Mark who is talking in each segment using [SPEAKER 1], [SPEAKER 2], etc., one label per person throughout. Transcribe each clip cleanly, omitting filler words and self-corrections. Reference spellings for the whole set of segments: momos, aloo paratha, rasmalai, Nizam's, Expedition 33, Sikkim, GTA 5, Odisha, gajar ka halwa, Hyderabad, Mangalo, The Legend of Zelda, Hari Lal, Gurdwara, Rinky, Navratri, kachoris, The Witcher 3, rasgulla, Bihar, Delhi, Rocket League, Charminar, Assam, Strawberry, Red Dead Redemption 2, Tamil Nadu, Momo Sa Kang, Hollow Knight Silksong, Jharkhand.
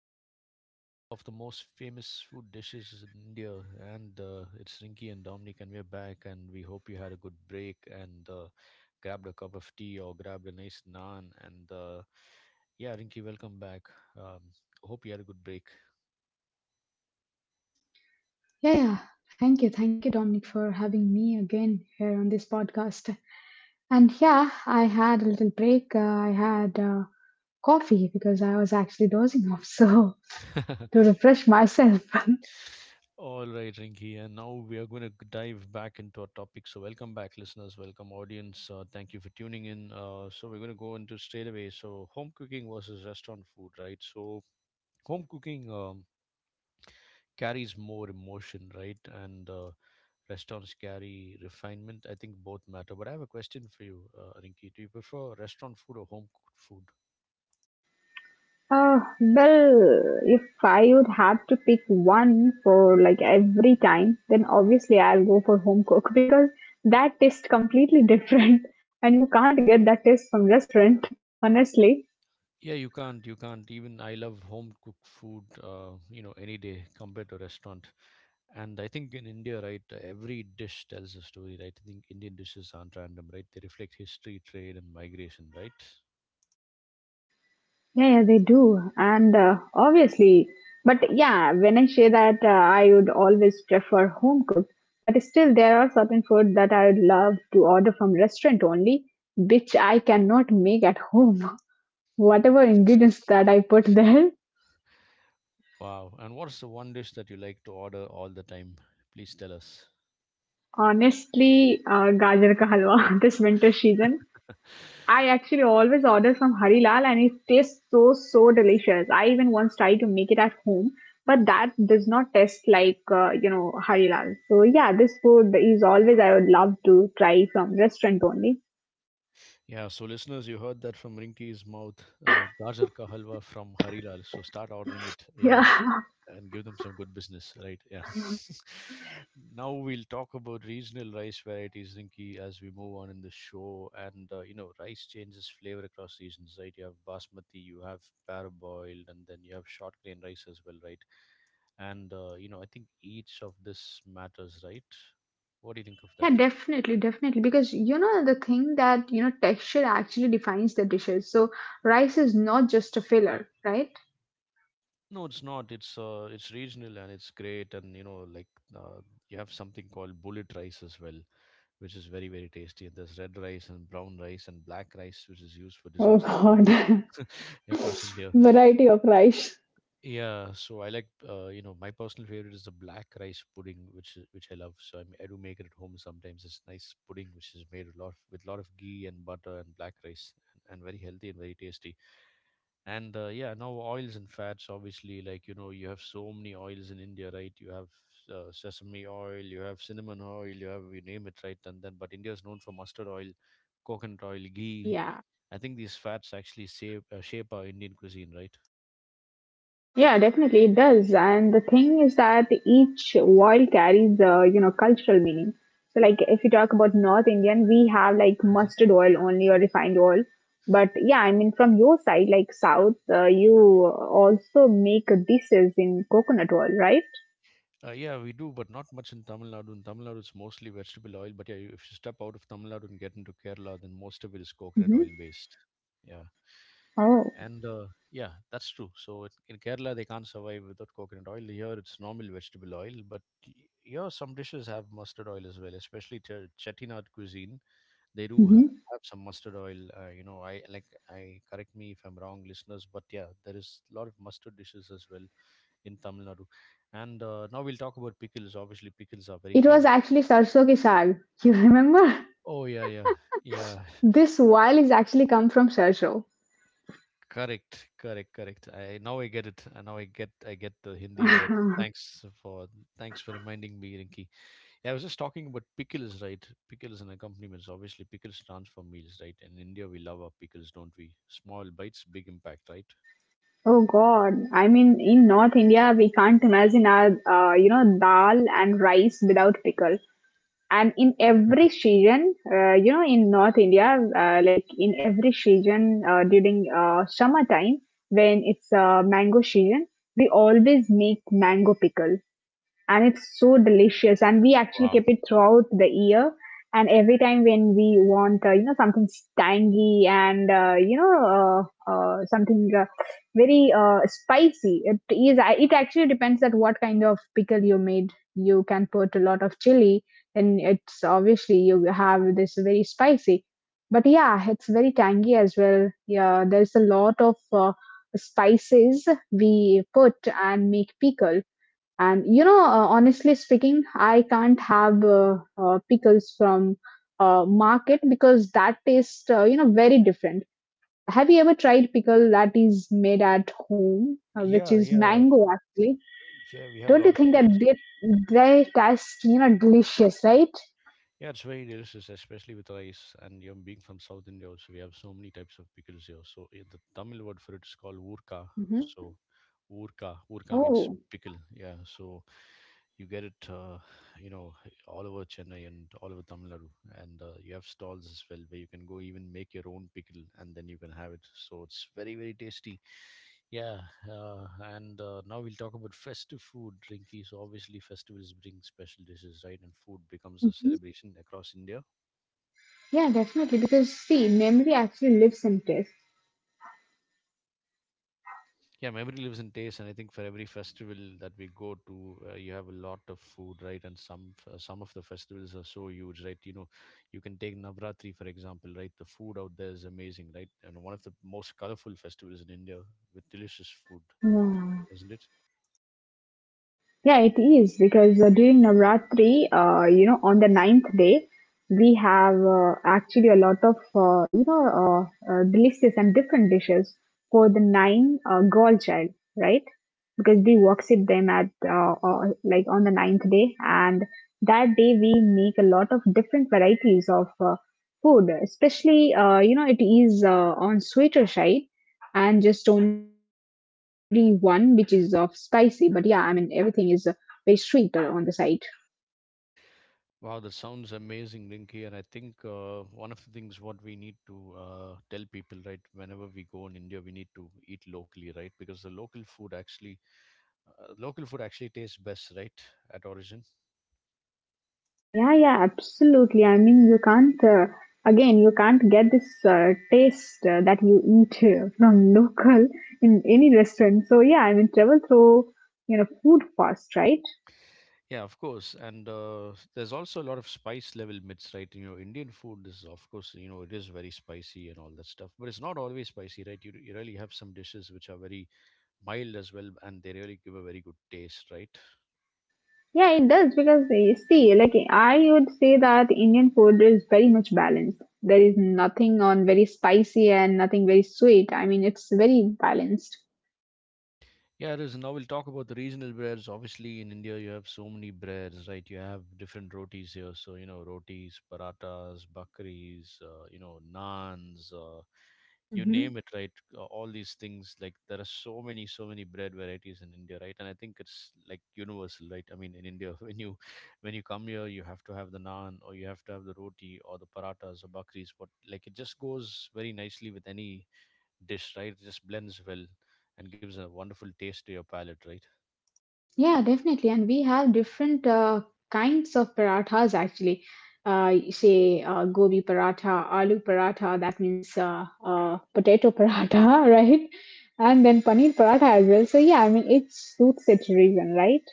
[SPEAKER 1] to part two of the most famous food dishes in India. And It's Rinky and Dominic, and we're back. And we hope you had a good break and grabbed a cup of tea or grabbed a nice naan. Rinky, welcome back. Um, Hope you had a good break.
[SPEAKER 2] Yeah, yeah. Thank you. Thank you, Dominic, for having me again here on this podcast. And yeah, I had a little break. I had coffee because I was actually dozing off. So to refresh myself.
[SPEAKER 1] All right, Rinky, and now we are going to dive back into our topic. So, welcome back, listeners. Welcome, audience. Thank you for tuning in. So we're going to go into straight away. So, home cooking versus restaurant food, right? So, home cooking carries more emotion, right? And restaurants carry refinement. I think both matter. But I have a question for you, Rinki. Do you prefer restaurant food or home cooked food?
[SPEAKER 2] Uh, well, if I would have to pick one for like every time, then obviously I'll go for home cook because that tastes completely different and you can't get that taste from restaurant, honestly.
[SPEAKER 1] Yeah, you can't. You can't. Even I love home cooked food. You know, any day compared to restaurant. And I think in India, right, every dish tells a story, right? I think Indian dishes aren't random, right? They reflect history, trade, and migration, right?
[SPEAKER 2] Yeah, yeah, they do. And obviously, but yeah, when I say that, I would always prefer home cooked, but still, there are certain food that I would love to order from restaurant only, which I cannot make at home. Whatever ingredients that I put there,
[SPEAKER 1] Wow. And what's the one dish that you like to order all the time? Please tell us.
[SPEAKER 2] honestly, gajar ka halwa this winter season, I actually always order from Hari Lal and it tastes so, so delicious. I even once tried to make it at home, but that does not taste like, Hari Lal. So yeah, this food is always I would love to try from restaurant only.
[SPEAKER 1] Yeah, so listeners, you heard that from Rinky's mouth. Gajar ka halwa from Harilal. So start ordering it. Yeah, and,
[SPEAKER 2] Yeah.
[SPEAKER 1] and give them some good business, right? Yeah. Now we'll talk about regional rice varieties, Rinky, as we move on in the show. And You know, rice changes flavor across regions, right? You have basmati, you have parboiled, and then you have short grain rice as well, right? And You know, I think each of this matters, right? What do you think of that?
[SPEAKER 2] Yeah, definitely, definitely. Because you know the thing that you know texture actually defines the dishes. So rice is not just a filler, right?
[SPEAKER 1] No, it's not. It's regional and it's great, and you know, uh, you have something called bullet rice as well, which is very very tasty. And there's red rice and brown rice and black rice, which is used for
[SPEAKER 2] Oh
[SPEAKER 1] desserts as well
[SPEAKER 2] God.
[SPEAKER 1] across India.
[SPEAKER 2] Variety of rice.
[SPEAKER 1] Yeah, so I like, you know, my personal favorite is the black rice pudding, which I love. So I do make it at home sometimes. It's nice pudding which is made a lot with a lot of ghee and butter and black rice, and very healthy and very tasty. And Yeah, now oils and fats, obviously, like you know, you have so many oils in India, right? You have sesame oil, you have cinnamon oil, you have, you name it, right? And then, but India is known for mustard oil, coconut oil, ghee.
[SPEAKER 2] Yeah.
[SPEAKER 1] I think these fats actually shape shape our Indian cuisine, right?
[SPEAKER 2] Yeah, definitely it does. And the thing is that each word carries a, you know, cultural meaning. So like if you talk about North Indian, we have like
[SPEAKER 1] Mhm.
[SPEAKER 2] mustard oil only or refined oil. But yeah, I mean from your side, like South, you also make dishes in coconut oil, right?
[SPEAKER 1] Yeah, we do, but not much in Tamil Nadu. In Tamil Nadu, it's mostly vegetable oil. But yeah, if you step out of Tamil Nadu and get into Kerala, then most of it is
[SPEAKER 2] Hmm.
[SPEAKER 1] coconut oil based. Yeah.
[SPEAKER 2] Oh.
[SPEAKER 1] and Yeah, that's true. So it, in Kerala they can't survive without coconut oil. Here it's normal vegetable oil, but y- here some dishes have mustard oil as well, especially Chettinad cuisine. they do ha-
[SPEAKER 2] Hmm.
[SPEAKER 1] have some mustard oil. You know, I, correct me if I'm wrong, listeners, but yeah, there is a lot of mustard dishes as well in Tamil Nadu. And now we'll talk about pickles. Obviously, pickles are very
[SPEAKER 2] It was
[SPEAKER 1] famous.
[SPEAKER 2] actually sarso ki saag. You remember?
[SPEAKER 1] Oh yeah, yeah, yeah.
[SPEAKER 2] This oil is actually come from sarso.
[SPEAKER 1] Correct, correct, correct. I get it. I get the Hindi word. Thanks for Thanks for reminding me, Rinki. Yeah, I was just talking about pickles, right? Pickles and accompaniments. Obviously, pickles transform meals, right? In India, we love our pickles, don't we? Small bites, big impact, right?
[SPEAKER 2] Oh God! I mean, in North India, we can't imagine our, dal and rice without pickle. And in every season, in North India, like in every season during summer time, when it's mango season, we always make mango pickle, and it's so delicious, and we actually
[SPEAKER 1] Wow.
[SPEAKER 2] keep it throughout the year. And every time when we want something tangy and, something very spicy, it actually depends that what kind of pickle you made. You can put a lot of chili, then it's obviously you have this very spicy, but yeah, it's very tangy as well. Yeah, there's a lot of spices we put and make pickle. And you know, honestly speaking, I can't have pickles from market because that tastes, very different. Have you ever tried pickle that is made at home, which
[SPEAKER 1] Yeah,
[SPEAKER 2] is
[SPEAKER 1] yeah,
[SPEAKER 2] mango actually?
[SPEAKER 1] yeah. We have a
[SPEAKER 2] Don't
[SPEAKER 1] lot
[SPEAKER 2] you
[SPEAKER 1] of
[SPEAKER 2] think that
[SPEAKER 1] pickles.
[SPEAKER 2] they taste, you know, delicious, right?
[SPEAKER 1] Yeah, it's very delicious, especially with rice. And you know, being from South India, also we have so many types of pickles here. So eh, the Tamil word for it is called urka.
[SPEAKER 2] Hmm.
[SPEAKER 1] So urka, urka
[SPEAKER 2] Oh.
[SPEAKER 1] means pickle. Yeah, so you get it, you know, all over Chennai and all over Tamil Nadu. And You have stalls as well where you can go, even make your own pickle and then you can have it. So it's very very tasty. Yeah. uh, and Now we'll talk about festive food, Rinky. So obviously, festivals bring special dishes, right? And food becomes a
[SPEAKER 2] Mhm.
[SPEAKER 1] celebration across India.
[SPEAKER 2] Yeah, definitely. Because see, memory actually lives in taste.
[SPEAKER 1] Yeah, memory lives in taste, and I think for every festival that we go to, you have a lot of food, right? And some of the festivals are so huge, right? You know, you can take Navratri for example, right? The food out there is amazing, right? And one of the most colorful festivals in India with delicious food,
[SPEAKER 2] Yeah.
[SPEAKER 1] isn't it?
[SPEAKER 2] Yeah, it is because during Navratri, on the ninth day, we have actually a lot of, delicious and different dishes for the nine girl child, right? Because we worship them at, like on the ninth day, and that day we make a lot of different varieties of food, especially. You know, it is on sweeter side, and just only one which is of spicy, but yeah, I mean everything is very sweeter on the side.
[SPEAKER 1] Wow, that sounds amazing, Rinky. And I think, one of the things what we need to tell people, right, whenever we go in India, we need to eat locally, right? Because the local food actually tastes best, right, at origin.
[SPEAKER 2] Yeah, yeah, absolutely. I mean, you can't, again, you can't get this taste that you eat from local in any restaurant. So, yeah, I mean, travel through, you know, food first, right?
[SPEAKER 1] Yeah, of course. And There's also a lot of spice level myths, right? You know, Indian food is, of course, you know, it is very spicy and all that stuff, but it's not always spicy, right? You really have some dishes which are very mild as well, and they really give a very good taste, right?
[SPEAKER 2] Yeah, it does because you see, like, I would say that Indian food is very much balanced. There is nothing on very spicy and nothing very sweet. I mean, it's very balanced.
[SPEAKER 1] Yeah, it is. Now we'll talk about the regional breads. Obviously, in India, you have so many breads, right? You have different rotis here. So, you know, rotis, paratas, bakaris, you know, naans, you name it, right? All these things. Like, there are so many, so many bread varieties in India, right? And I think it's like universal, right? I mean, in India, when you come here, you have to have the naan, or you have to have the roti or the paratas or bakaris. But, like, it just goes very nicely with any dish, right? It just blends well and gives a wonderful taste to your palate, right?
[SPEAKER 2] Yeah, definitely. And we have different kinds of parathas actually. Say gobi paratha, aloo paratha, that means potato paratha, right? And then paneer paratha as well. So, yeah, I mean, it suits its region, right?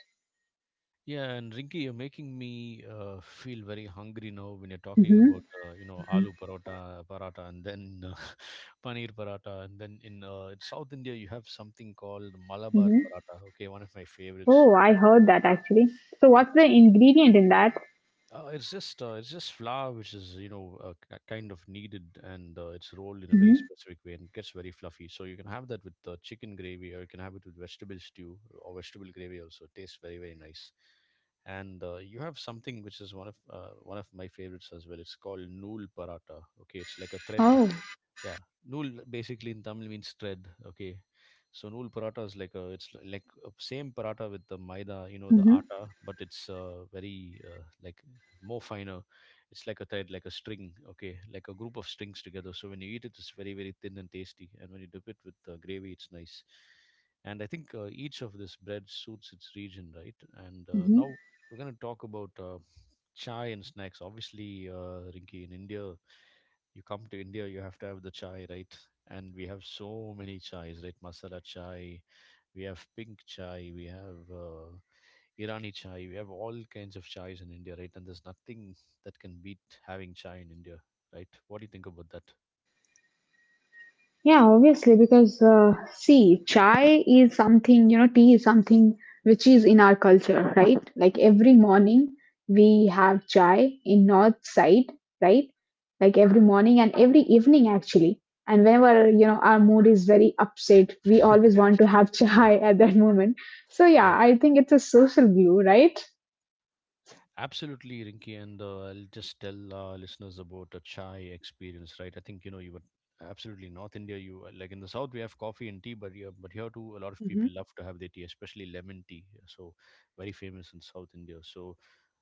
[SPEAKER 1] Yeah, and Rinki, you're making me feel very hungry now when you're talking
[SPEAKER 2] Mm-hmm.
[SPEAKER 1] about, you know,
[SPEAKER 2] Mm-hmm.
[SPEAKER 1] aloo parota, paratha, and then paneer paratha, and then in South India you have something called Malabar
[SPEAKER 2] Mm-hmm.
[SPEAKER 1] paratha. Okay, one of my favorites.
[SPEAKER 2] Oh,
[SPEAKER 1] So
[SPEAKER 2] I heard that actually. So, what's the ingredient in that?
[SPEAKER 1] It's just flour, which is you know, kind of kneaded and it's rolled in a very
[SPEAKER 2] Mm-hmm.
[SPEAKER 1] specific way and it gets very fluffy. So you can have that with chicken gravy, or you can have it with vegetable stew or vegetable gravy. Also, it tastes very very nice. And You have something which is one of my favorites as well. It's called nool paratha. Okay, it's like a thread.
[SPEAKER 2] Oh.
[SPEAKER 1] Yeah, nool basically in Tamil means thread. Okay, so nool paratha is like a, like a same paratha with the maida, you know, the
[SPEAKER 2] Mm-hmm.
[SPEAKER 1] atta, but it's very like more finer. It's like a thread, like a string. Okay, like a group of strings together. So when you eat it, it's very very thin and tasty, and when you dip it with gravy, it's nice. And I think, each of this bread suits its region, right? and
[SPEAKER 2] Mm-hmm.
[SPEAKER 1] now we're going to talk about chai and snacks. Obviously, Rinki, in India, you come to India, you have to have the chai, right? And we have so many chais, right? Masala chai, we have pink chai, we have Irani chai, we have all kinds of chais in India, right? And there's nothing that can beat having chai in India, right? What do you think about that?
[SPEAKER 2] Yeah, obviously, because see, chai is something, you know, tea is something which is in our culture, right? Like every morning we have chai in north side, right? Like every morning and every evening actually. And whenever, you know, our mood is very upset, we always want to have chai at that moment. So yeah, I think it's a social glue, right?
[SPEAKER 1] Absolutely, Rinky, and I'll just tell listeners about a chai experience, right? I think you know you were absolutely North India. You, like, in the South we have coffee and tea, but here too a lot of
[SPEAKER 2] Mhm.
[SPEAKER 1] people love to have their tea, especially lemon tea. So very famous in South India. So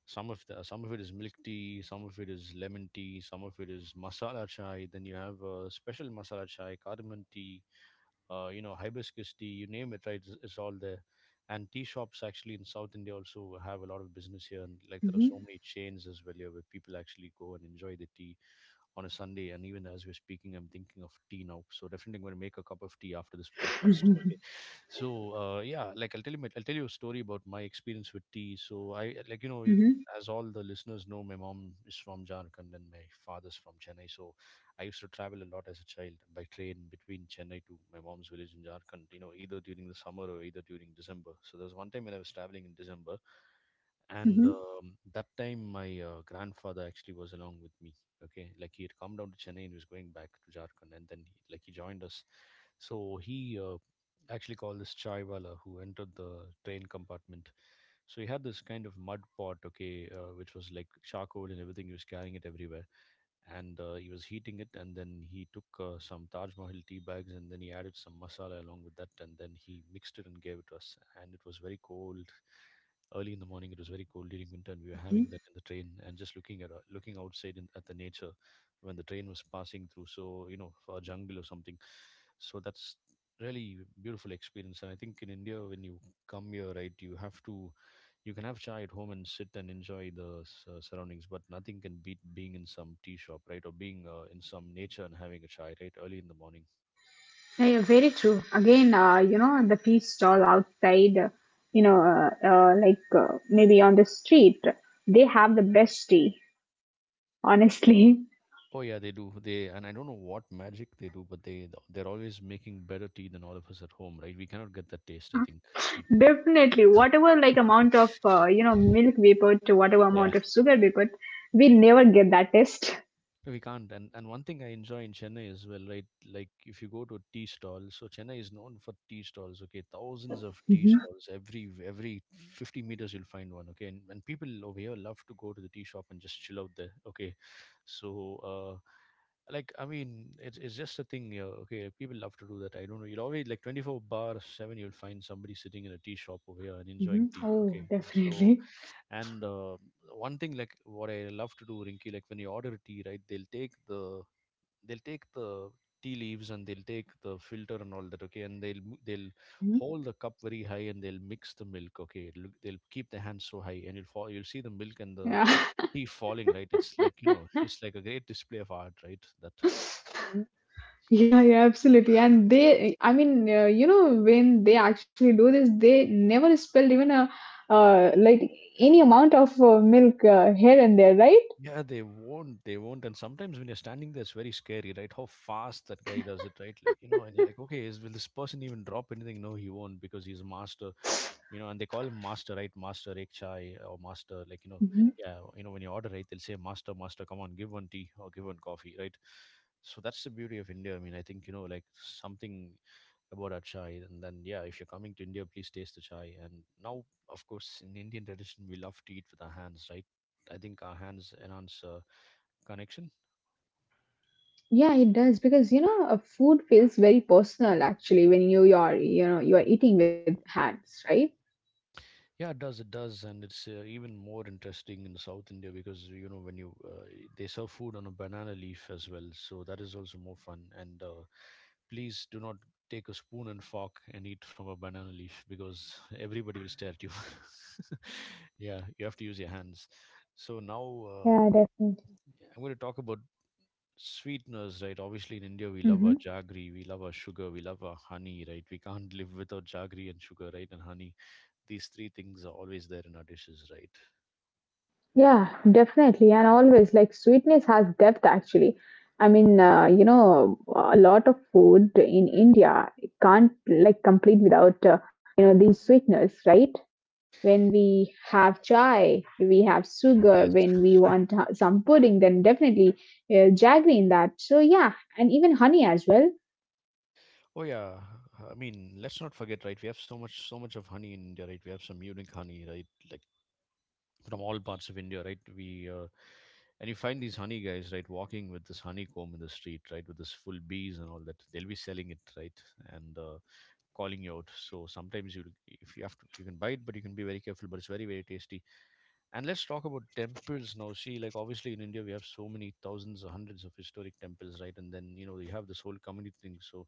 [SPEAKER 1] some of it is milk tea, some of it is lemon tea, some of it is masala chai. Then you have special masala chai, cardamom tea, you know, hibiscus tea, you name it, right? It's all there. And tea shops actually in South India also have a lot of business here, and like there are
[SPEAKER 2] Mhm.
[SPEAKER 1] so many chains as well here where people actually go and enjoy the tea on a Sunday. And even as we're speaking, I'm thinking of tea now. So definitely, I'm going to make a cup of tea after this podcast.
[SPEAKER 2] Mhm.
[SPEAKER 1] Okay. So yeah, like I'll tell you, I'll tell you a story about my experience with tea. So I like
[SPEAKER 2] Mhm.
[SPEAKER 1] as all the listeners know, my mom is from Jharkhand and my father's from Chennai. So I used to travel a lot as a child by train between Chennai to my mom's village in Jharkhand, you know, either during the summer or either during December. So there was one time when I was traveling in December, and
[SPEAKER 2] Mhm.
[SPEAKER 1] that time my grandfather actually was along with me. Okay, like he had come down to Chennai and he was going back to Jharkhand, and then he joined us. So he actually called this chaiwala who entered the train compartment. So he had this kind of mud pot, okay, which was like charcoal and everything. He was carrying it everywhere and he was heating it and then he took some Taj Mahal tea bags and then he added some masala along with that and then he mixed it and gave it to us, and it was very cold. Early in the morning it was very cold during winter and we were having that in the train and just looking at looking outside in, at the nature when the train was passing through, so you know a jungle or something. So that's really beautiful experience. And I think in India when you come here, right, you have to, you can have chai at home and sit and enjoy the surroundings, but nothing can beat being in some tea shop, right? Or being in some nature and having a chai, right? Early in the morning.
[SPEAKER 2] Yeah, yeah, very true. Again, the tea stall outside, like maybe on the street, they have the best tea, honestly.
[SPEAKER 1] Oh yeah, they do. They, and I don't know what magic they do, but they're always making better tea than all of us at home, right? We cannot get that taste, I think.
[SPEAKER 2] Definitely, whatever like amount of milk we put, whatever
[SPEAKER 1] Yeah.
[SPEAKER 2] amount of sugar we put, we never get that taste.
[SPEAKER 1] We can't. And one thing I enjoy in Chennai as well, right? Like if you go to a tea stall, so Chennai is known for tea stalls, okay? Thousands of tea stalls. Every 50 meters you'll find one, okay? And people over here love to go to the tea shop and just chill out there, okay? So, like, I mean, it's just a thing here, okay? People love to do that. I don't know. You'll always, like 24 bar 7, you'll find somebody sitting in a tea shop over here and enjoying
[SPEAKER 2] Mhm.
[SPEAKER 1] tea, okay?
[SPEAKER 2] Oh,
[SPEAKER 1] So,
[SPEAKER 2] definitely.
[SPEAKER 1] and one thing like what I love to do, Rinky, like when you order a tea, right? They'll take the tea leaves and they'll take the filter and all that, okay? And they'll
[SPEAKER 2] Mhm.
[SPEAKER 1] hold the cup very high and they'll mix the milk, okay? It'll, they'll keep the hands so high, and you'll fall, you'll see the milk and the
[SPEAKER 2] Yeah.
[SPEAKER 1] tea falling, right? It's like it's like a great display of art, right? That.
[SPEAKER 2] Yeah, yeah, absolutely. And they, I mean, when they actually do this, they never spilled even a, like any amount of milk here and there, right?
[SPEAKER 1] Yeah, they won't. They won't. And sometimes when you're standing there, it's very scary, right? How fast that guy does it, right? Like, you know, and you're like, okay, is, will this person even drop anything? No, he won't because he's a master, you know, and they call him master, right? Master ek chai or master, like, you know,
[SPEAKER 2] Mhm.
[SPEAKER 1] yeah, you know, when you order, right, they'll say, master, master, come on, give one tea or give one coffee, right? So that's the beauty of India. I mean, I think, you know, like something about our chai. And then, yeah, if you're coming to India, please taste the chai. And now, of course, in Indian tradition, we love to eat with our hands, right? I think our hands enhance connection.
[SPEAKER 2] Yeah, it does because you know, food feels very personal actually when you are, you know, you are eating with hands, right?
[SPEAKER 1] Yeah, it does, it does. And it's even more interesting in South India because you know when you they serve food on a banana leaf as well, so that is also more fun. And please do not take a spoon and fork and eat from a banana leaf because everybody will stare at you. Yeah, you have to use your hands. So now uh,
[SPEAKER 2] Yeah,
[SPEAKER 1] w-
[SPEAKER 2] definitely.
[SPEAKER 1] I'm going to talk about sweeteners, right? Obviously in India we love our
[SPEAKER 2] Mm-hmm.
[SPEAKER 1] jaggery, we love our sugar, we love our honey, right? We can't live without jaggery and sugar, right, and honey. These three things are always there in our dishes, right?
[SPEAKER 2] Yeah, definitely. And always, like, sweetness has depth actually. I mean, a lot of food in India can't like complete without, these sweetness, right? When we
[SPEAKER 1] Yeah.
[SPEAKER 2] have chai, we have sugar,
[SPEAKER 1] Yes.
[SPEAKER 2] when we want some pudding, then definitely jaggery in that. So, yeah, and even honey as well.
[SPEAKER 1] Oh yeah. I mean, let's not forget, right? We have so much, so much of honey in India, right? We have some unique honey, right? Like from all parts of India, right? We and you find these honey guys, right, walking with this honeycomb in the street, right, with this full bees and all that. They'll be selling it, right, and calling you out. So sometimes you, if you have to, you can buy it, but you can be very careful. But it's very, very tasty. And let's talk about temples now. See, like obviously in India we have so many thousands or hundreds of historic temples, right? And then you know you have this whole community thing. So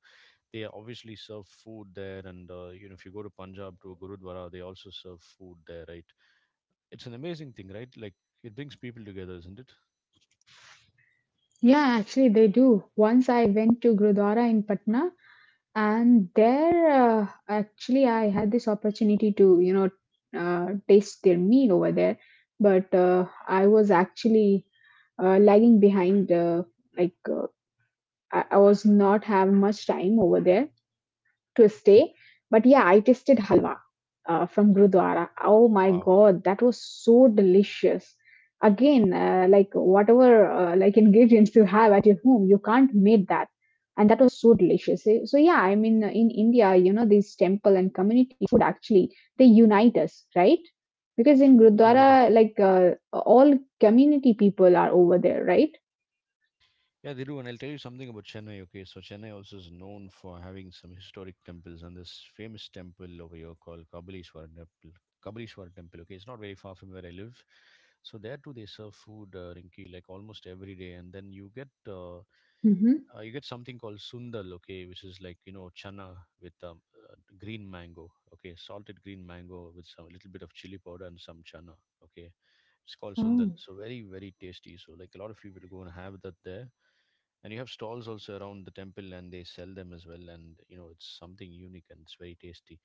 [SPEAKER 1] they obviously serve food there, and you know if you go to Punjab to a Gurudwara, they also serve food there, right? It's an amazing thing, right? Like it brings people together, isn't it?
[SPEAKER 2] Yeah, actually, they do. Once I went to Gurdwara in Patna, and there actually I had this opportunity to you know taste their meal over there. But I was actually lagging behind, like uh, I was not have much time over there to stay. But yeah, I tasted halwa from Gurdwara. Oh my
[SPEAKER 1] Wow.
[SPEAKER 2] God, that was so delicious. Again, like whatever like ingredients you have at your home, you can't make that, and that was so delicious. Eh, so yeah, I mean, in India, you know, these temple and community food actually they unite us, right? Because in
[SPEAKER 1] Yeah, they
[SPEAKER 2] Gurdwara,
[SPEAKER 1] do.
[SPEAKER 2] like all community people are over there, right?
[SPEAKER 1] Yeah, they do. And I'll tell you something about Chennai. Okay, so Chennai also is known for having some historic temples, and this famous temple over here called Kabalishwara Temple. Kabalishwara Temple. Okay, it's not very far from where I live. So there too, they serve food, Rinki, like almost every day. And then
[SPEAKER 2] Hmm.
[SPEAKER 1] you get something called sundal, okay, which is like you know chana with uh, green mango, okay, salted green mango with some little bit of chili powder and some chana, okay. It's called sundal, so very very tasty. So like a lot of people go and have that there, and you have stalls also around the temple and they sell them as well. And you know it's something unique and it's very tasty.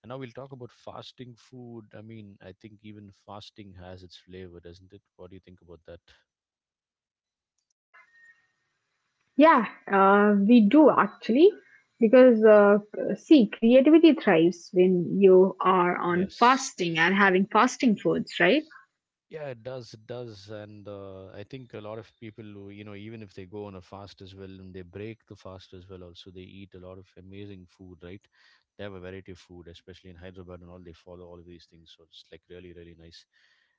[SPEAKER 1] And now we'll talk about fasting food. I mean, I think even fasting has its flavor, doesn't it? What do you think about that?
[SPEAKER 2] Yeah, we do actually, because see, creativity thrives when you are on
[SPEAKER 1] Yes.
[SPEAKER 2] fasting and having fasting foods, right?
[SPEAKER 1] Yeah, it does, it does. And I think a lot of people, who, you know, even if they go on a fast as well and they break the fast as well, also they eat a lot of amazing food, right? They have a variety of food, especially in Hyderabad and all. They follow all of these things. So it's like really, really nice.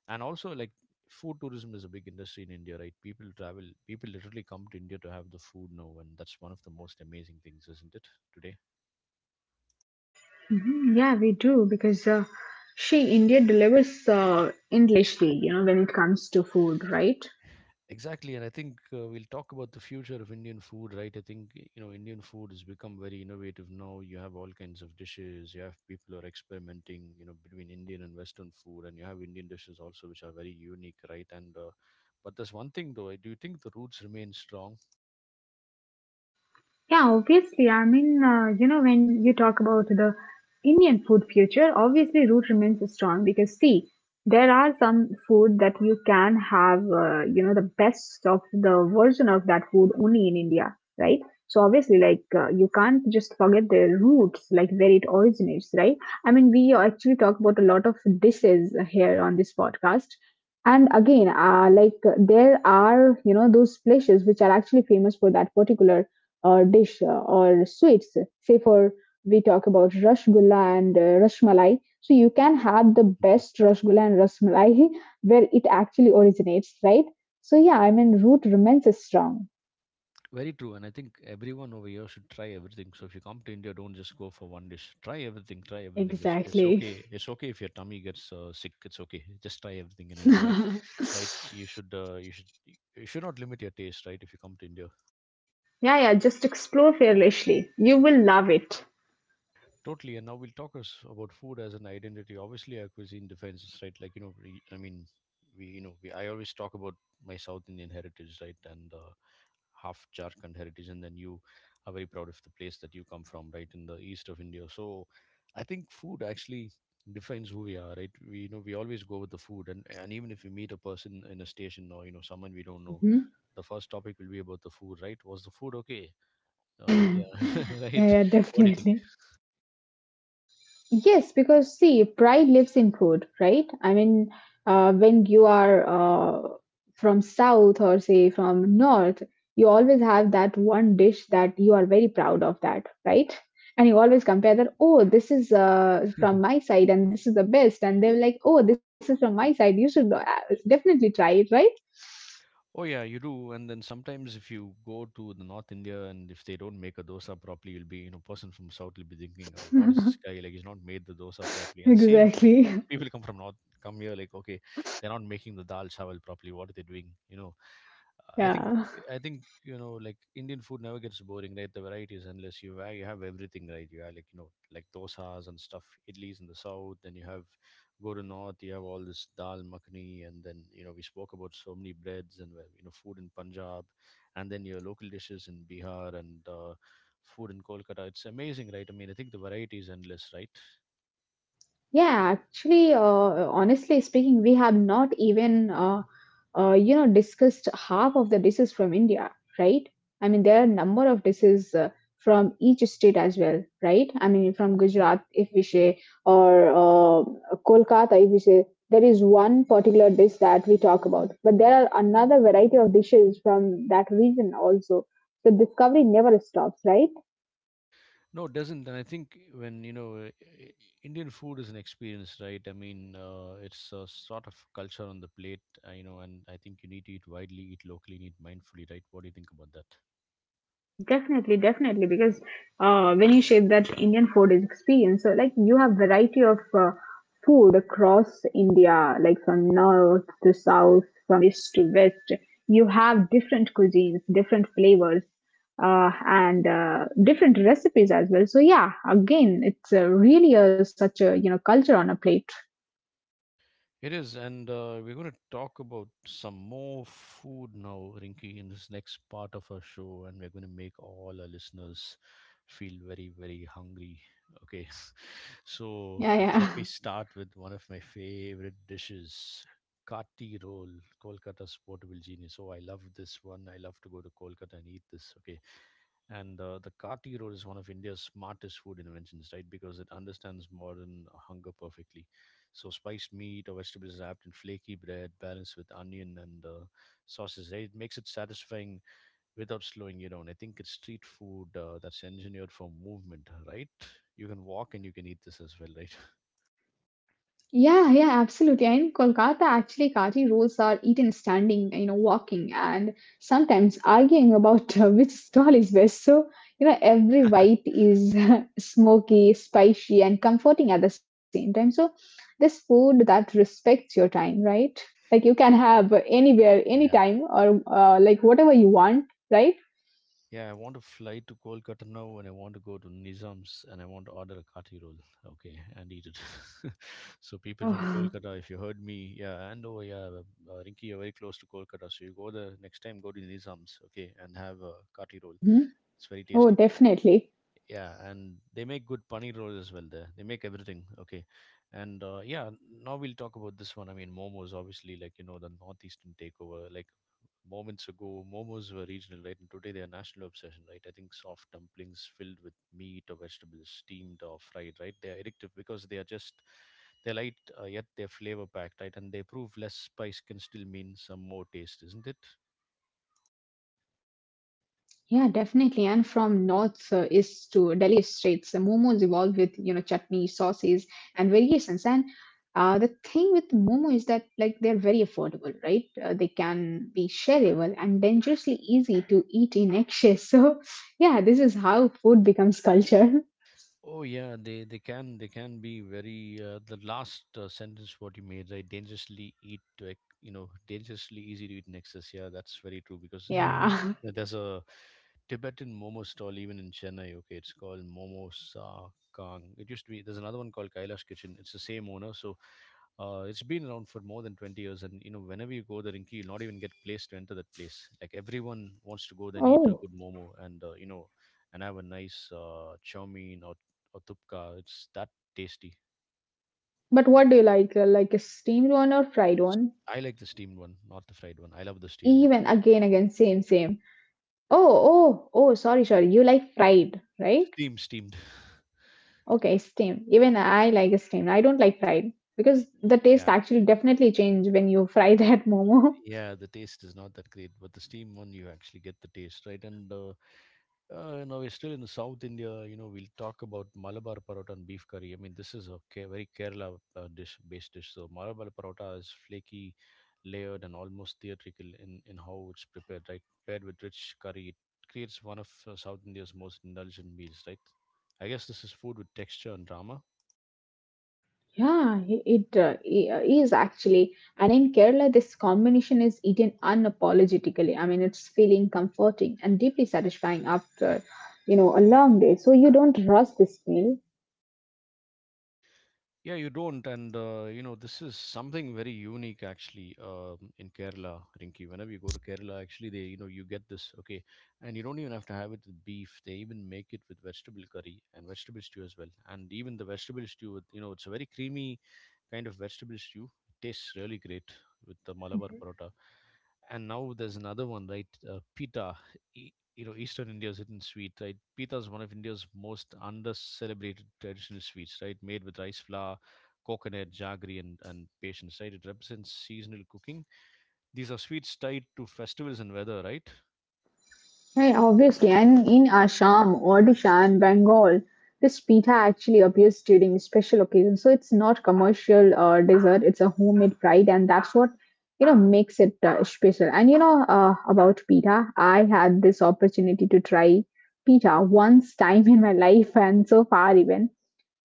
[SPEAKER 1] And also, like, food tourism is a big industry in India, right? People travel, people literally come to India to have the food now. And that's one of the most amazing things, isn't it, today?
[SPEAKER 2] Mhm. Yeah, we do because she India delivers endlessly, you know, when it comes to food, right?
[SPEAKER 1] Exactly, and I think we'll talk about the future of Indian food, right? I think you know Indian food has become very innovative now. You have all kinds of dishes. You have people who are experimenting, you know, between Indian and Western food, and you have Indian dishes also which are very unique, right? And but there's one thing though. I do think the roots remain strong.
[SPEAKER 2] Yeah, obviously. I mean, when you talk about the Indian food future, obviously root remains strong because see, there are some food that you can have, the best of the version of that food only in India, right? So obviously, like you can't just forget the roots, like where it originates, right? I mean, we actually talk about a lot of dishes here on this podcast, and again, there are, you know, those places which are actually famous for that particular or dish or sweets. Say for we talk about rasgulla and rasmalai. So you can have the
[SPEAKER 1] Mhm.
[SPEAKER 2] best rasgulla and rasmalai where it actually originates, right? So yeah, I mean root remains strong.
[SPEAKER 1] Very true, and I think everyone over here should try everything. So if you come to India, don't just go for one dish. Try everything. Try everything. It's
[SPEAKER 2] Exactly.
[SPEAKER 1] okay. It's okay if your tummy gets sick. It's okay. Just try everything and enjoy.
[SPEAKER 2] Yeah,
[SPEAKER 1] Right, you should you should, you should not limit your taste, right, if you come to India.
[SPEAKER 2] yeah, just explore fearlessly. You will love it.
[SPEAKER 1] Totally. And now we'll talk us about food as an identity. Obviously our cuisine defenses, right, like you know we, I always talk about my South Indian heritage, right, and half Jharkhand heritage, and then you are very proud of the place that you come from, right, in the east of India. So I think food actually defines who we are, right? We, you know, we always go with the food, and even if we meet a person in a station or you know someone we don't know.
[SPEAKER 2] Mhm.
[SPEAKER 1] The first topic will be about the food, right? Was the food okay?
[SPEAKER 2] Yeah,
[SPEAKER 1] Yeah, right.
[SPEAKER 2] yeah,
[SPEAKER 1] What do you
[SPEAKER 2] definitely. Yes, because see, pride lives in food, right? I mean, when you are from south or say from north, you always have that one dish that you are very proud of that, right? And you always compare that, oh, this is from
[SPEAKER 1] think?
[SPEAKER 2] my side and this is the best. And they're like, oh, this is from my side. You should definitely try it, right?
[SPEAKER 1] Oh yeah, you do. And then sometimes if you go to the North India and if they don't make a dosa properly, you'll be you know person from South will be thinking, oh, what is this guy like? He's not made the dosa properly. And the same from-
[SPEAKER 2] Exactly.
[SPEAKER 1] people come from North come here like okay, they're not making the dal chawal properly. What are they doing? You know, uh, I think
[SPEAKER 2] Yeah.
[SPEAKER 1] I think you know like Indian food never gets boring, right? The varieties unless you have everything, right? You have like dosas and stuff, idlis in the south, then you have go to north you have all this dal makhni, and then you know we spoke about so many breads and well, you know food in Punjab and then your local dishes in Bihar and food in Kolkata. It's amazing, right? I mean, I think the variety is endless, right?
[SPEAKER 2] Yeah, actually, honestly speaking, we have not even, you know, discussed half of the dishes from India, right? I mean there are number of dishes from each state as well, right? I mean from Gujarat if we say, or Kolkata if we say, there is one particular dish that we talk about, but there are another variety of dishes from that region also. The discovery never stops, right?
[SPEAKER 1] No, it doesn't, and I think when you know i- Indian food is an experience, right? I mean, it's a sort of culture on the plate, you know. And I think you need to eat widely, eat locally, and eat mindfully, right? What do you think about that?
[SPEAKER 2] Definitely, definitely, because when you shape that Indian food experience, so like you have variety of food across India, like from north to south, from east to west. You have different cuisines, different flavors, and different recipes as well. So yeah, again, it's really a, such a you know culture on a plate.
[SPEAKER 1] It is, and we're going to talk about some more food now, Rinky, in this next part of our show, and we're going to make all our listeners feel very, very hungry. Okay,
[SPEAKER 2] Yeah,
[SPEAKER 1] so
[SPEAKER 2] yeah.
[SPEAKER 1] let me start with one of my favorite dishes. Kati roll, Kolkata's portable genius. So I love this one. I love to go to Kolkata and eat this. Okay, and the Kati roll is one of India's smartest food inventions, right? Because it understands modern hunger perfectly, so spiced meat or vegetables wrapped in flaky bread, balanced with onion and sauces. Right? It makes it satisfying without slowing you down. I think it's street food that's engineered for movement. Right? You can walk and you can eat this as well. Right?
[SPEAKER 2] Yeah, yeah, absolutely. And in Kolkata, actually, Kaji rolls are eaten standing, you know, walking and sometimes arguing about which stall is best. So, you know, every bite is smoky, spicy, and comforting at the same time. So, this food that respects your time, right? Like you can have anywhere, anytime, or like whatever you want, right?
[SPEAKER 1] Yeah, I want to fly to Kolkata now, and I want to go to Nizam's, and I want to order a kati roll, okay, and eat it. So people from
[SPEAKER 2] Oh.
[SPEAKER 1] Kolkata, if you heard me, yeah, and oh yeah, uh, Rinki, you're very close to Kolkata, so you go there next time. Go to Nizam's, okay, and have a kati roll.
[SPEAKER 2] Mhm.
[SPEAKER 1] It's very
[SPEAKER 2] Oh,
[SPEAKER 1] tasty.
[SPEAKER 2] definitely.
[SPEAKER 1] Yeah, and they make good paneer rolls as well there. They make everything, okay. And yeah, now we'll talk about this one. I mean, momos, obviously, like you know, the northeastern takeover. Like moments ago momos were regional, right? And today they are national obsession, right? I think soft dumplings filled with meat or vegetables, steamed or fried, right? They are addictive because they are just they're light, yet they're flavor packed, right? And they prove less spice can still mean some more taste, isn't it?
[SPEAKER 2] Yeah, definitely. And from north east to Delhi states, momos evolved with you know chutney, sauces, and variations. And the thing with momo is that like they're very affordable, right? They can be shareable and dangerously easy to eat in excess. So yeah, this is how food becomes culture.
[SPEAKER 1] Oh yeah, they can they can be very the last sentence what you made, right? Dangerously you know, dangerously easy to eat in excess. Yeah, that's very true. Because you know,
[SPEAKER 2] Yeah.
[SPEAKER 1] there's a Tibetan momo stall even in Chennai, okay. It's called Momo Sa Kang. It used to be, there's another one called Kailash Kitchen. It's the same owner. So it's been around for more than 20 years, and you know, whenever you go there in Key, you'll not even get placed to enter that place. Like, everyone wants to go there and eat a
[SPEAKER 2] Oh,
[SPEAKER 1] good momo, and you know, and have a nice chow mein or thupka. It's that tasty.
[SPEAKER 2] but what do you like? Like a steamed one or fried
[SPEAKER 1] It's-
[SPEAKER 2] one?
[SPEAKER 1] I like the steamed one, not the fried one. I love the steamed one.
[SPEAKER 2] Even again, same. Oh, sorry. You like fried, right?
[SPEAKER 1] Steam, steamed.
[SPEAKER 2] Okay, steamed. Even I like steamed. I don't like fried because the taste
[SPEAKER 1] Yeah,
[SPEAKER 2] actually definitely change when you fry that momo.
[SPEAKER 1] yeah. The taste is not that great, but the steamed one you actually get the taste, right. And now we're still in the South India. You know, we'll talk about Malabar parota and beef curry. I mean, this is a very Kerala dish, based dish. So Malabar parota is flaky, layered, and almost theatrical in how it's prepared. Right, paired with rich curry, it creates one of South India's most indulgent meals. Right, I guess this is food with texture and drama.
[SPEAKER 2] Yeah, is actually. And in Kerala, this combination is eaten unapologetically. I mean, it's feeling comforting and deeply satisfying after, you know, a long day. So you don't rush this meal.
[SPEAKER 1] Yeah, you don't. And, you know, this is something very unique actually in Kerala, Rinki. Whenever you go to Kerala, actually, they, you know, you get this, okay. And you don't even have to have it with beef. They even make it with vegetable curry and vegetable stew as well. And even the vegetable stew, with, you know, it's a very creamy kind of vegetable stew. It tastes really great with the Malabar parota. And now there's another one, right? Pita. You know, Eastern India's hidden sweet, right? Pita is one of India's most under-celebrated traditional sweets, right? Made with rice flour, coconut, jaggery, and patience, right? It represents seasonal cooking. These are sweets tied to festivals and weather, right?
[SPEAKER 2] Hey, obviously, and in Assam, Odisha, and Bengal, this pita actually appears during special occasions. So it's not commercial dessert; it's a homemade pride, and that's what you know makes it special. And you know about pita, I had this opportunity to try pita once time in my life, and so far even.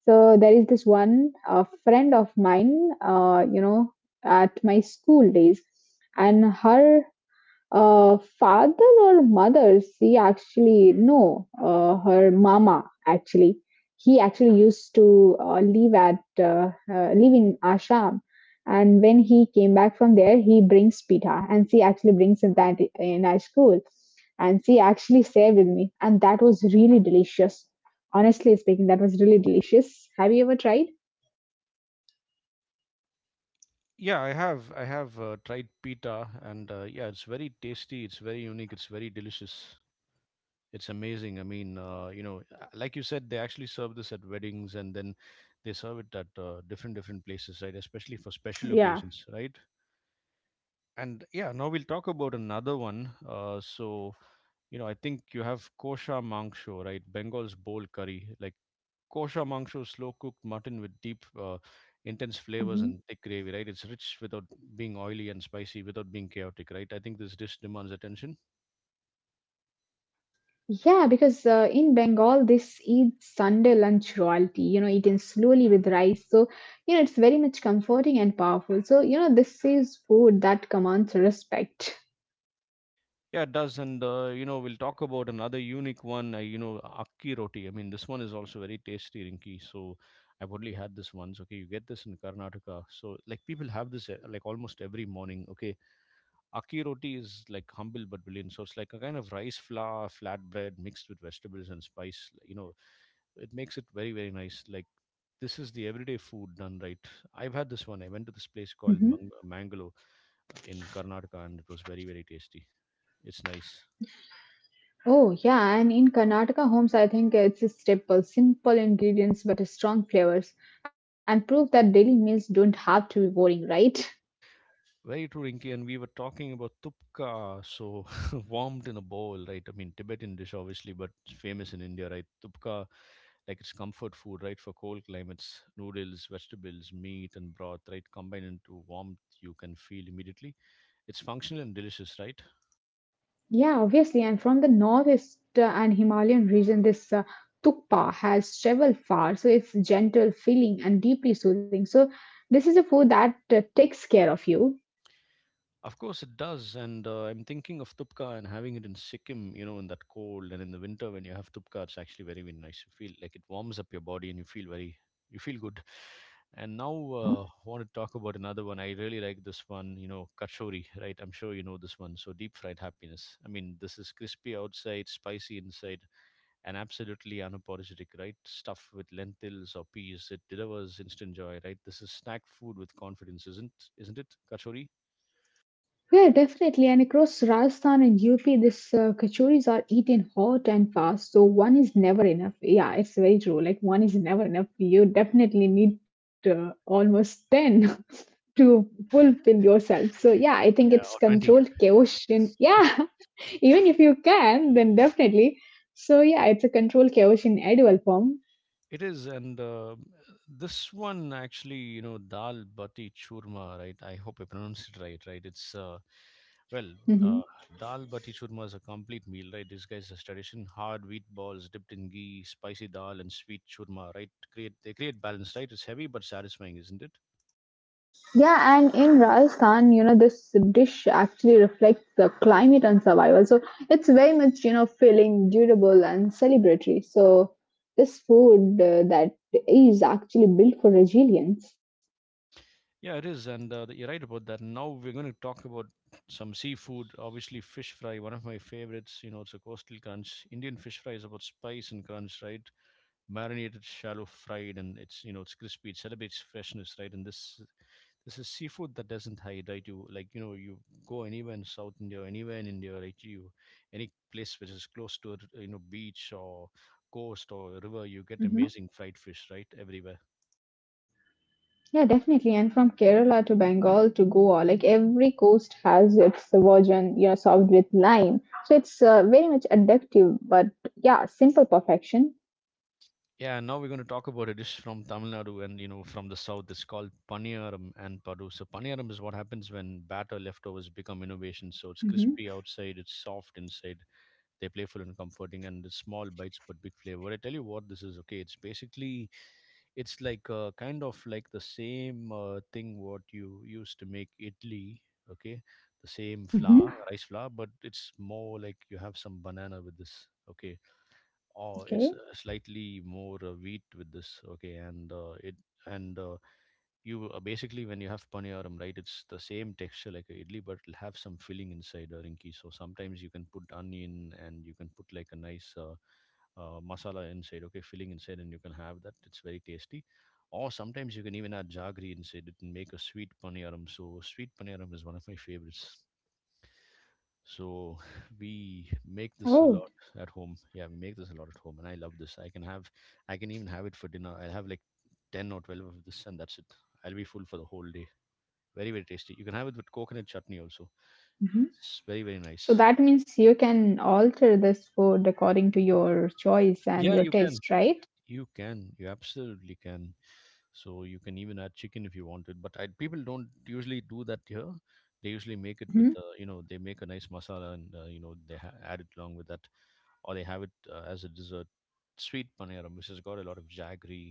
[SPEAKER 2] So there is this one friend of mine, at my school days, and her father or mother, she actually, no, her mama actually. He actually used to live in Assam. And when he came back from there, he brings pita and she actually brings him that in our school. And she actually shared with me. And that was really delicious. Honestly speaking, that was really delicious. Have you ever tried?
[SPEAKER 1] Yeah, I have. I have tried pita, and yeah, it's very tasty. It's very unique. It's very delicious. It's amazing. I mean, you know, like you said, they actually serve this at weddings, and then they serve it at different different places, right? Especially for special
[SPEAKER 2] Yeah.
[SPEAKER 1] occasions, right? And yeah, now we'll talk about another one. So, you know, I think you have kosha mangsho, right? Bengal's bowl curry, like kosha mangsho is slow cooked mutton with deep, intense flavors and thick gravy, right? It's rich without being oily and spicy without being chaotic, right? I think this dish demands attention.
[SPEAKER 2] Yeah, because in Bengal, this eats Sunday lunch royalty, you know, eaten slowly with rice. So, you know, it's very much comforting and powerful. So, you know, this is food that commands respect.
[SPEAKER 1] Yeah, it does. And, you know, we'll talk about another unique one, you know, akki roti. I mean, this one is also very tasty, Rinki. So I've only had this once. Okay, you get this in Karnataka. So, like, people have this, like, almost every morning. Okay, aki roti is like humble but brilliant. So it's like a kind of rice flour flatbread mixed with vegetables and spice. You know, it makes it very, very nice. Like, this is the everyday food done right. I've had this one. I went to this place called
[SPEAKER 2] Hmm.
[SPEAKER 1] Mangalo in Karnataka, and it was very, very tasty. It's nice.
[SPEAKER 2] Oh, yeah. And in Karnataka homes, I think it's a staple simple ingredients but strong flavors and proof that daily meals don't have to be boring, right?
[SPEAKER 1] Very true, Rinki. And we were talking about tupka, so warmed in a bowl, right? I mean, Tibetan dish, obviously, but it's famous in India, right? Tupka, like it's comfort food, right? For cold climates, noodles, vegetables, meat, and broth, right? Combined into warmth you can feel immediately. It's functional and delicious, right?
[SPEAKER 2] Yeah, obviously. And from the northeast and Himalayan region, this tukpa has traveled far. So it's gentle, filling, and deeply soothing. So this is a food that takes care of you.
[SPEAKER 1] Of course it does, and I'm thinking of tupka and having it in Sikkim. You know, in that cold and in the winter, when you have tupka, it's actually very, very nice. You feel like it warms up your body and you feel very, you feel good. And now want to talk about another one. I really like this one, you know, kachori, right? I'm sure you know this one. So deep fried happiness. I mean, this is crispy outside, spicy inside, and absolutely unapologetic, right? Stuff with lentils or peas, it delivers instant joy, right? This is snack food with confidence, isn't it, kachori?
[SPEAKER 2] Yeah, definitely. And across Rajasthan and UP, this kachoris are eaten hot and fast. So one is never enough. Yeah, it's very true. Like one is never enough. You definitely need almost 10 to fulfill yourself. So yeah, I think it's
[SPEAKER 1] Yeah, or 20.
[SPEAKER 2] controlled chaos. Yeah. Even if you can, then definitely. So yeah, it's a controlled chaos in edible form.
[SPEAKER 1] It is, and this one actually, you know, dal bati churma, right? I hope I pronounced it right, right? It's well,
[SPEAKER 2] Mhm.
[SPEAKER 1] uh, dal bati churma is a complete meal, right? This guy's a tradition: hard wheat balls dipped in ghee, spicy dal, and sweet churma, right? Create they create balance, right? It's heavy but satisfying, isn't it?
[SPEAKER 2] Yeah, and in Rajasthan, you know, this dish actually reflects the climate and survival. So it's very much, you know, feeling durable and celebratory. So this food that is actually built for resilience.
[SPEAKER 1] Yeah, it is, and you're right about that. Now we're going to talk about some seafood. Obviously, fish fry, one of my favorites. You know, it's a coastal crunch. Indian fish fry is about spice and crunch, right? Marinated, shallow fried, and it's, you know, it's crispy. It celebrates freshness, right? And this is seafood that doesn't hide, right? You, like you know, you go anywhere in South India, anywhere in India, right? You, any place which is close to a you know, beach or coast or river, you get
[SPEAKER 2] Mhm.
[SPEAKER 1] amazing fried fish, right? Everywhere.
[SPEAKER 2] Yeah, definitely. And from Kerala to Bengal to Goa, like every coast has its version, you know, served with lime. So it's very much addictive, but yeah, simple perfection.
[SPEAKER 1] Yeah, and now we're going to talk about a dish from Tamil Nadu and you know, from the south. It's called paniyaram and padu. So paniyaram is what happens when batter leftovers become innovation. So it's
[SPEAKER 2] Hmm.
[SPEAKER 1] crispy outside, it's soft inside, they're playful and comforting, and the small bites but big flavor. I tell you what, this is okay. It's basically, it's like kind of like the same thing what you used to make idli. Okay, the same flour,
[SPEAKER 2] Hmm.
[SPEAKER 1] rice flour, but it's more like you have some banana with this. Okay, or it's
[SPEAKER 2] Okay.
[SPEAKER 1] slightly more wheat with this, okay. And it and you basically, when you have paniyaram, right, it's the same texture like a idli, but it'll have some filling inside, a Rinki. So sometimes you can put onion and you can put like a nice masala inside, okay, filling inside, and you can have that. It's very tasty. Or sometimes you can even add jaggery inside it and make a sweet paniyaram. So sweet paniyaram is one of my favorites. So we make this a
[SPEAKER 2] Oh,
[SPEAKER 1] lot at home. Yeah, we make this a lot at home, and I love this. I can have, I can even have it for dinner. I'll have like 10 or 12 of this, and that's it. I'll be full for the whole day. Very, very tasty. You can have it with coconut chutney also.
[SPEAKER 2] hmm.
[SPEAKER 1] It's very, very
[SPEAKER 2] So
[SPEAKER 1] nice.
[SPEAKER 2] that means you can alter this food according to your choice and
[SPEAKER 1] Yeah,
[SPEAKER 2] your
[SPEAKER 1] you can.
[SPEAKER 2] taste, right?
[SPEAKER 1] You can, you absolutely can. So you can even add chicken if you wanted, but I, people don't usually do that here. They usually make it with,
[SPEAKER 2] Hmm.
[SPEAKER 1] you know, they make a nice masala and you know, they add it along with that, or they have it as a dessert. Sweet paneeram, which has got a lot of jaggery,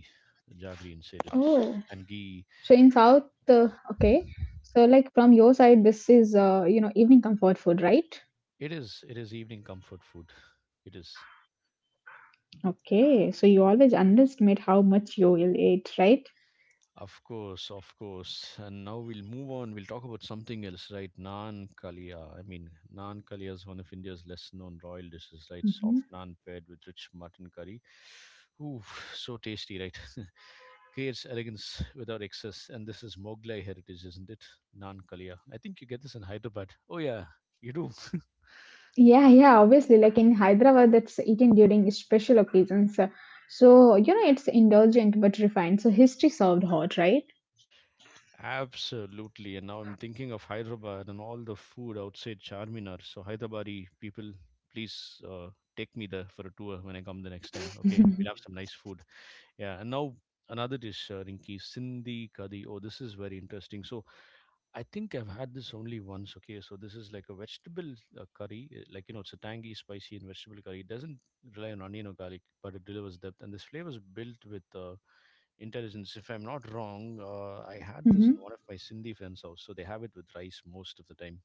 [SPEAKER 1] jaggery inside it, so,
[SPEAKER 2] Oh.
[SPEAKER 1] and
[SPEAKER 2] So
[SPEAKER 1] ghee.
[SPEAKER 2] in South, okay. So like from your side, this is you know evening comfort food, right?
[SPEAKER 1] It is evening comfort food. It is.
[SPEAKER 2] Okay, so you always underestimate how much you will eat, right?
[SPEAKER 1] Of course, of course. And now we'll move on. We'll talk about something else, right? Naan kalia. I mean, naan kalia is one of India's less known royal dishes, right?
[SPEAKER 2] Hmm.
[SPEAKER 1] Soft naan paired with rich mutton curry. Ooh, so tasty, right? Creates elegance without excess. And this is Moglai heritage, isn't it? Naan kalia. I think you get this in Hyderabad. Oh, yeah, you do.
[SPEAKER 2] Yeah, yeah, obviously, like in Hyderabad, that's eaten during special occasions. So, you know, it's indulgent but refined. So, history served hot, right?
[SPEAKER 1] Absolutely. And now I'm thinking of Hyderabad and all the food outside Charminar. So, Hyderabadi people, please take me there for a tour when I come the next time. Okay,
[SPEAKER 2] Hmm.
[SPEAKER 1] we'll have some nice food. Yeah, and now another dish, Rinki, Sindhi Kadi. Oh, this is very interesting. So, I think I've had this only once. Okay, so this is like a vegetable curry. Like you know, it's a tangy, spicy, and vegetable curry. It doesn't rely on onion or garlic, but it delivers depth. And this flavor is built with intelligence. If I'm not wrong, I had this in one of my Sindhi friends' house. So they have it with rice most of the time.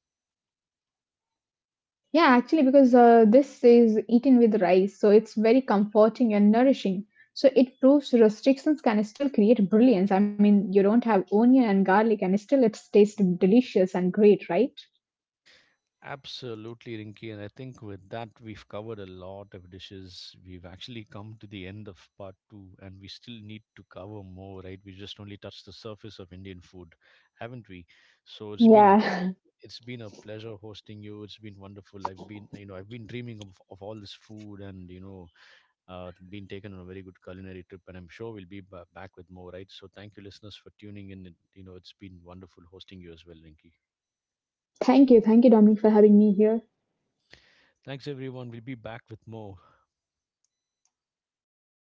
[SPEAKER 2] Yeah, actually, because this is eaten with rice, so it's very comforting and nourishing. So, it proves restrictions can still create brilliance. I mean, you don't have onion and garlic, and still it tastes delicious and great, right?
[SPEAKER 1] Absolutely, Rinky. And I think with that, we've covered a lot of dishes. We've actually come to the end of part two, and we still need to cover more, right? We just only touched the surface of Indian food, haven't we? So it's been,
[SPEAKER 2] Yeah.
[SPEAKER 1] it's been a pleasure hosting you. It's been wonderful. I've been, you know, I've been dreaming of all this food, and, you know, been taken on a very good culinary trip. And I'm sure we'll be back with more, right? So thank you, listeners, for tuning in. You know, it's been wonderful hosting you as well, Rinky.
[SPEAKER 2] Thank you. Thank you, Dominic, for having me here.
[SPEAKER 1] Thanks, everyone. We'll be back with more.